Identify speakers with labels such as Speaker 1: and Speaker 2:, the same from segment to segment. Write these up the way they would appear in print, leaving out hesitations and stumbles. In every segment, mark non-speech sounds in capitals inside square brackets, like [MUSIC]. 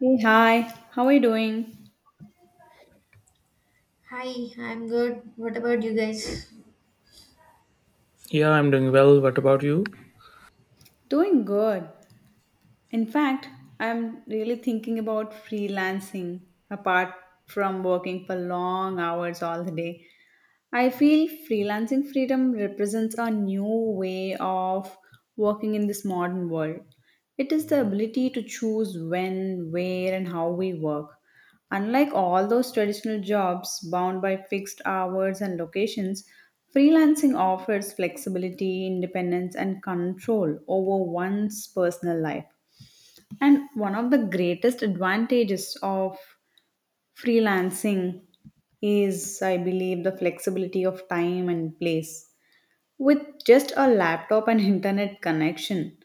Speaker 1: Hey, hi, how are you doing?
Speaker 2: Hi, I'm good. What about you guys?
Speaker 3: Yeah, I'm doing well. What about you?
Speaker 1: Doing good. In fact, I'm really thinking about freelancing apart from working for long hours all the day. I feel freelancing freedom represents a new way of working in this modern world. It is the ability to choose when, where, and how we work. Unlike all those traditional jobs bound by fixed hours and locations, freelancing offers flexibility, independence, and control over one's personal life. And one of the greatest advantages of freelancing is, I believe, the flexibility of time and place. With just a laptop and [LAUGHS] internet connection,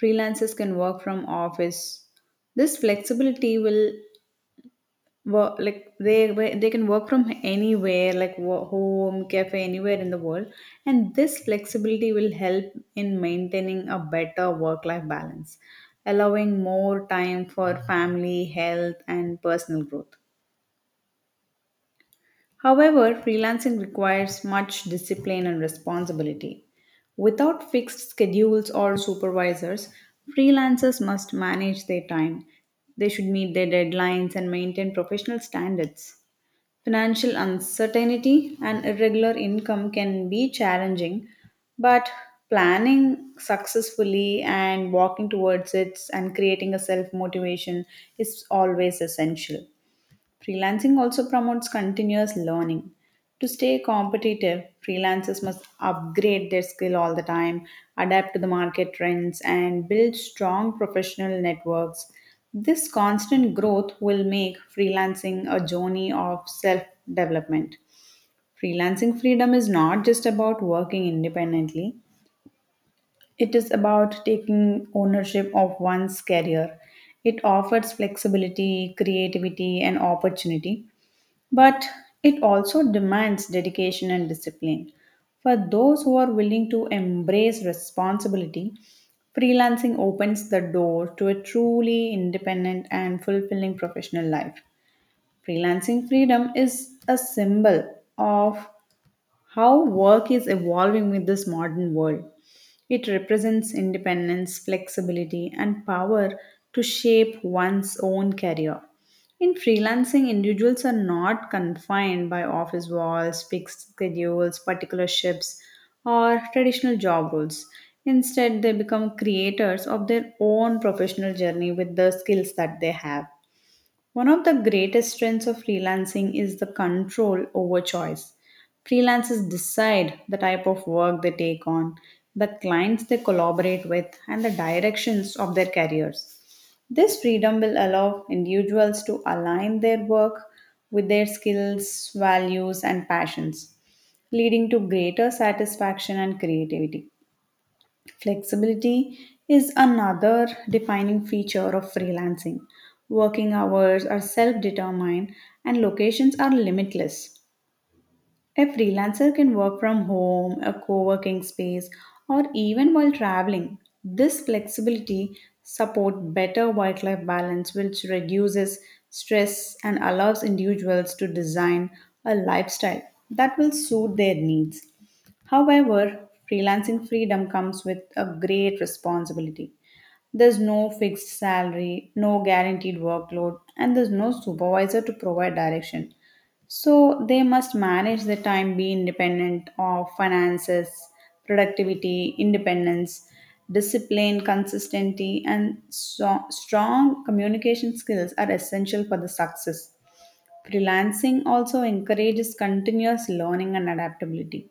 Speaker 1: freelancers can work from office. This flexibility will work like they can work from anywhere, like home, cafe, anywhere in the world, and this flexibility will help in maintaining a better work-life balance, allowing more time for family, health, and personal growth. However, freelancing requires much discipline and responsibility. Without fixed schedules or supervisors, freelancers must manage their time. They should meet their deadlines and maintain professional standards. Financial uncertainty and irregular income can be challenging, but planning successfully and walking towards it and creating a self motivation is always essential. Freelancing also promotes continuous learning. To stay competitive, freelancers must upgrade their skill all the time, adapt to the market trends, and build strong professional networks. This constant growth will make freelancing a journey of self development. Freelancing freedom is not just about working independently, it is about taking ownership of one's career. It offers flexibility, creativity, and opportunity, but it also demands dedication and discipline. For those who are willing to embrace responsibility, freelancing opens the door to a truly independent and fulfilling professional life. Freelancing freedom is a symbol of how work is evolving with this modern world. It represents independence, flexibility, and power to shape one's own career. In freelancing, individuals are not confined by office walls, fixed schedules, particular shifts, or traditional job roles. Instead, they become creators of their own professional journey with the skills that they have. One of the greatest strengths of freelancing is the control over choice. Freelancers decide the type of work they take on, the clients they collaborate with, and the directions of their careers. This freedom will allow individuals to align their work with their skills, values, and passions, leading to greater satisfaction and creativity. Flexibility is another defining feature of freelancing. Working hours are self determined and locations are limitless. A freelancer can work from home, a co working space, or even while traveling. This flexibility supports better work life balance, which reduces stress and allows individuals to design a lifestyle that will suit their needs. However, freelancing freedom comes with a great responsibility. There's no fixed salary, no guaranteed workload, and there's no supervisor to provide direction. So they must manage their time, be independent of finances, productivity, independence, discipline, consistency, and strong communication skills are essential for the success. Freelancing also encourages continuous learning and adaptability.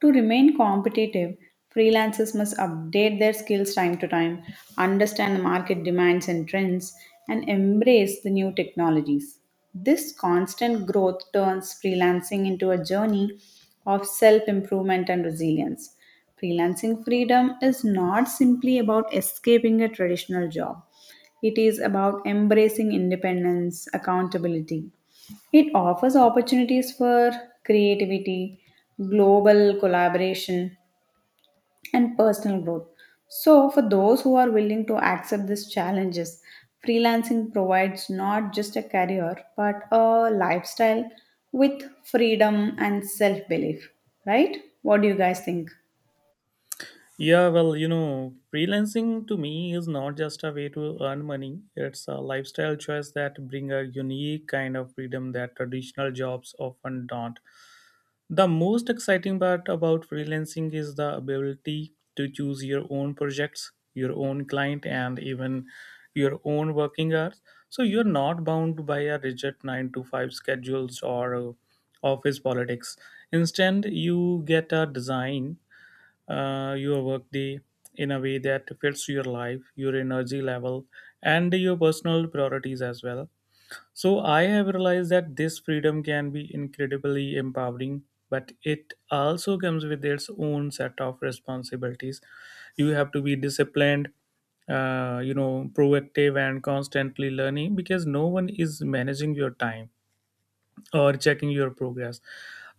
Speaker 1: To remain competitive, freelancers must update their skills time to time, understand the market demands and trends, and embrace the new technologies. This constant growth turns freelancing into a journey of self improvement and resilience. Freelancing freedom is not simply about escaping a traditional job, it is about embracing independence, accountability, it offers opportunities for creativity, global collaboration, and personal growth. So, for those who are willing to accept these challenges, freelancing provides not just a career but a lifestyle with freedom and self belief, right? What do you guys think?
Speaker 3: Yeah, well, you know, freelancing to me is not just a way to earn money. It's a lifestyle choice that bring a unique kind of freedom that traditional jobs often don't. The most exciting part about freelancing is the ability to choose your own projects, your own client, and even your own working hours. So you're not bound by a rigid 9 to 5 schedules or office politics. Instead, you get a design your workday in a way that fits your life, your energy level, and your personal priorities as well. So I have realized that this freedom can be incredibly empowering, but it also comes with its own set of responsibilities. You have to be disciplined, you know, proactive, and constantly learning because no one is managing your time or checking your progress.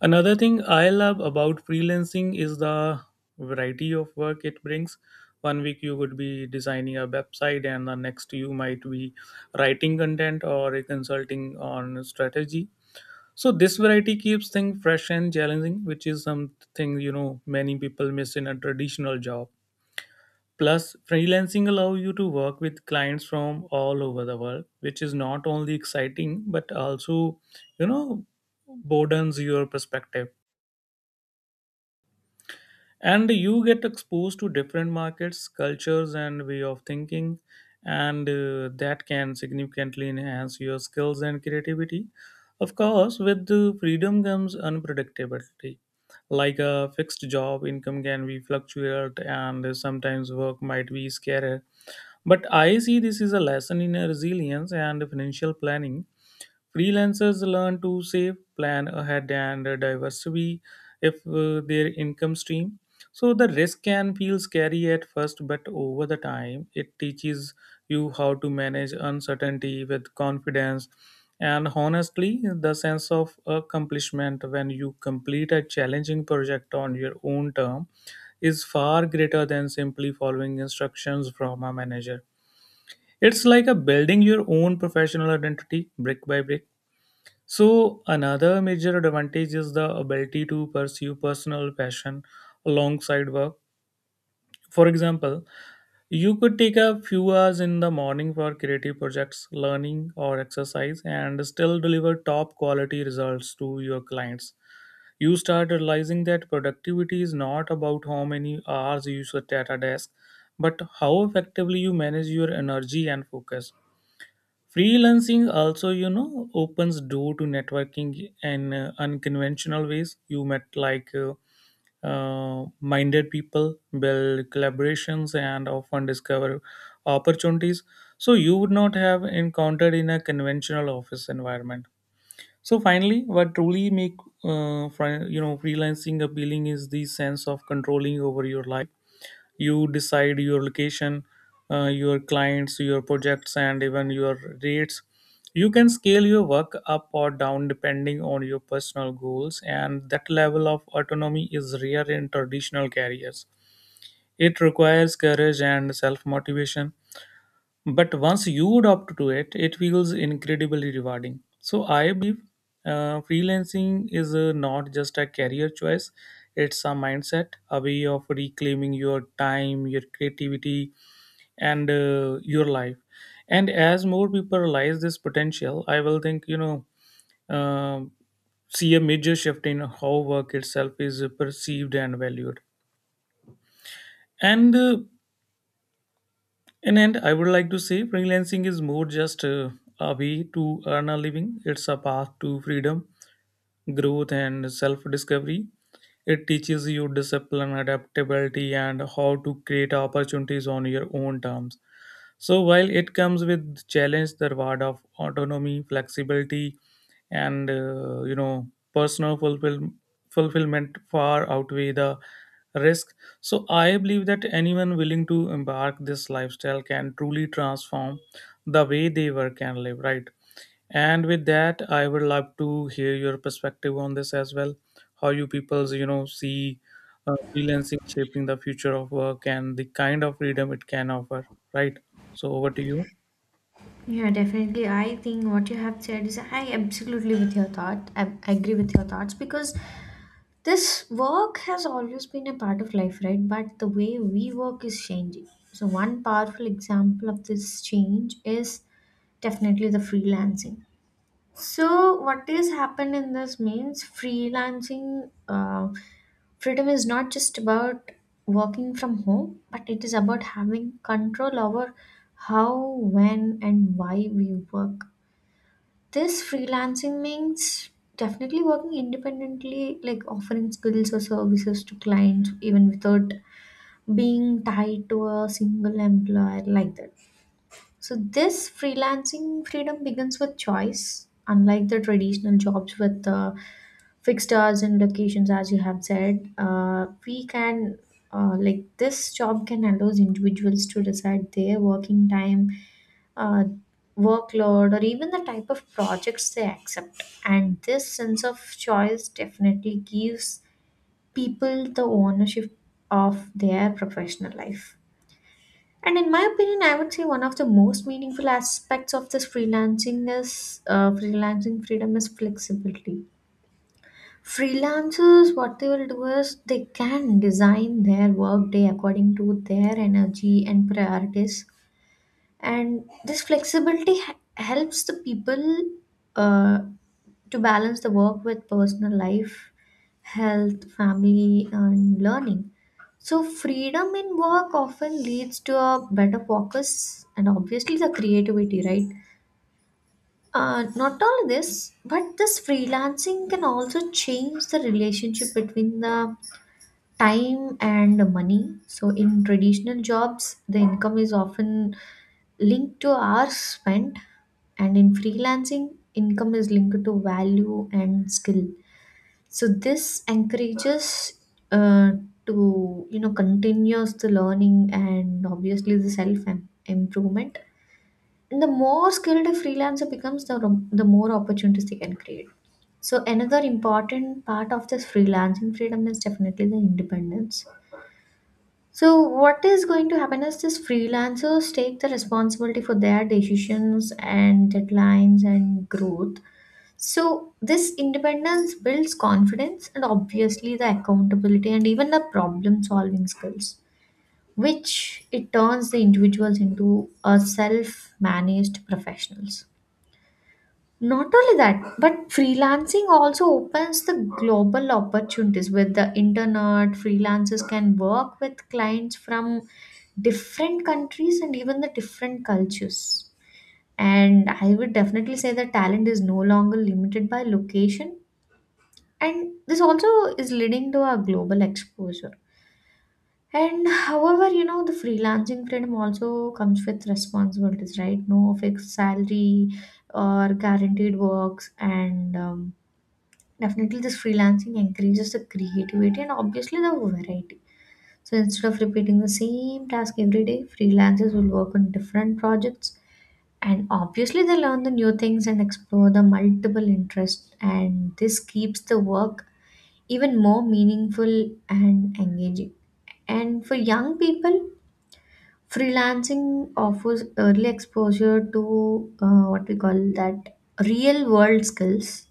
Speaker 3: Another thing I love about freelancing is the variety of work it brings. One week you could be designing a website, and the next you might be writing content or consulting on strategy. So this variety keeps things fresh and challenging, which is something you know many people miss in a traditional job. Plus, freelancing allows you to work with clients from all over the world, which is not only exciting but also, you know, broadens your perspective. And you get exposed to different markets, cultures, and way of thinking, and that can significantly enhance your skills and creativity. Of course, with the freedom comes unpredictability. Like a fixed job, income can be fluctuate, and sometimes work might be scarce. But I see this is a lesson in resilience and financial planning. Freelancers learn to save, plan ahead, and diversify if their income stream. So the risk can feel scary at first, but over the time, it teaches you how to manage uncertainty with confidence, and honestly the sense of accomplishment when you complete a challenging project on your own term is far greater than simply following instructions from a manager. It's like a building your own professional identity brick by brick. So another major advantage is the ability to pursue personal passion alongside work. For example, you could take a few hours in the morning for creative projects, learning or exercise and still deliver top quality results to your clients. You start realizing that productivity is not about how many hours you sit at a desk, but how effectively you manage your energy and focus. Freelancing also, you know, opens door to networking in unconventional ways. You met like minded people, build collaborations, and often discover opportunities so you would not have encountered in a conventional office environment. So finally, what truly make you know, freelancing appealing is the sense of controlling over your life. You decide your location, your clients, your projects, and even your rates. You can scale your work up or down depending on your personal goals, and that level of autonomy is rare in traditional careers. It requires courage and self motivation, but once you adopt to it, it feels incredibly rewarding. So I believe freelancing is not just a career choice, it's a mindset, a way of reclaiming your time, your creativity, and your life. And as more people realize this potential, I will think, you know, um see a major shift in how work itself is perceived and valued. And In end, I would like to say freelancing is more just a way to earn a living. It's a path to freedom, growth, and self-discovery. It teaches you discipline, adaptability, and how to create opportunities on your own terms. So while it comes with challenge, the reward of autonomy, flexibility, and you know, personal fulfillment far outweigh the risk. So I believe that anyone willing to embark this lifestyle can truly transform the way they work and live. Right, and with that, I would love to hear your perspective on this as well. How you people's, you know, see freelancing shaping the future of work and the kind of freedom it can offer, right? So over to you.
Speaker 2: Yeah, definitely. I think what you have said is I absolutely with your thought. I agree with your thoughts because this work has always been a part of life, right? But the way we work is changing. So one powerful example of this change is definitely the freelancing. So what is happened in this means freelancing. Uh, Freedom is not just about working from home, but it is about having control over how, when, and why we work. This freelancing means definitely working independently, like offering skills or services to clients, even without being tied to a single employer, like that. So this freelancing freedom begins with choice, unlike the traditional jobs with fixed hours and locations, as you have said. We can like this job can allow individuals to decide their working time, uh, workload, or even the type of projects they accept. And this sense of choice definitely gives people the ownership of their professional life. And in my opinion, I would say one of the most meaningful aspects of this freelancing is freelancing freedom is flexibility. Freelancers, what they will do is they can design their work day according to their energy and priorities, and this flexibility helps the people uh, to balance the work with personal life, health, family, and learning. So freedom in work often leads to a better focus and obviously the creativity, right? Not only this, but this freelancing can also change the relationship between the time and money. So, in traditional jobs, the income is often linked to hours spent, and in freelancing, income is linked to value and skill. So, this encourages uh, to continuous the learning and obviously the improvement. And the more skilled a freelancer becomes, the more opportunities they can create. So another important part of this freelancing freedom is definitely the independence. So, what is going to happen is these freelancers take the responsibility for their decisions and deadlines and growth. So, this independence builds confidence and obviously the accountability and even the problem solving skills, which it turns the individuals into a self managed professionals. Not only that, but freelancing also opens the global opportunities with the internet. Freelancers can work with clients from different countries and even the different cultures. And I would definitely say that talent is no longer limited by location. And this also is leading to a global exposure. And however, you know, the freelancing freedom also comes with responsibilities, right? No fixed salary or guaranteed works, and definitely, this freelancing encourages the creativity and obviously the variety. So instead of repeating the same task every day, freelancers will work on different projects and obviously they learn the new things and explore the multiple interests, and this keeps the work even more meaningful and engaging. And for young people, freelancing offers early exposure to what we call that real world skills,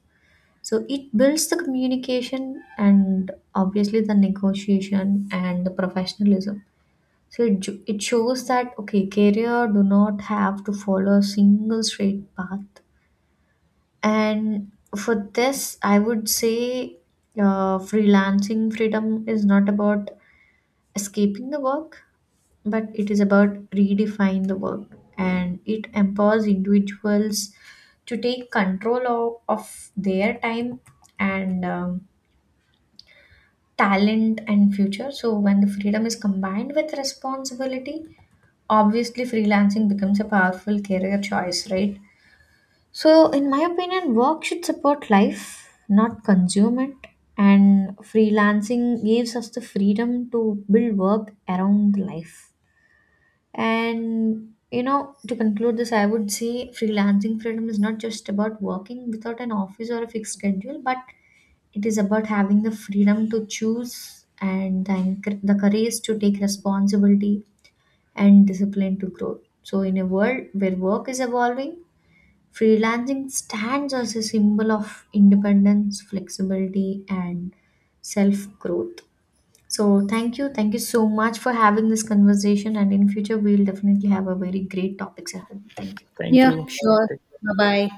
Speaker 2: so it builds the communication and obviously the negotiation and the professionalism. So it, it shows that okay, career do not have to follow a single straight path. And for this, I would say freelancing freedom is not about escaping the work, but it is about redefine the work, and it empowers individuals to take control of their time and. Talent and future. So when the freedom is combined with responsibility, obviously freelancing becomes a powerful career choice, right? So in my opinion, work should support life, not consume it. And freelancing gives us the freedom to build work around life. And you know, to conclude this, I would say freelancing freedom is not just about working without an office or a fixed schedule, but it is about having the freedom to choose and the courage to take responsibility and discipline to grow. So, in a world where work is evolving, freelancing stands as a symbol of independence, flexibility, and self growth. So, thank you. Thank you so much for having this conversation. And in future, we'll definitely have a very great topics ahead. Thank you.
Speaker 3: Thank
Speaker 1: Yeah,
Speaker 3: you. Bye.
Speaker 1: sure.
Speaker 3: Take
Speaker 1: Bye bye.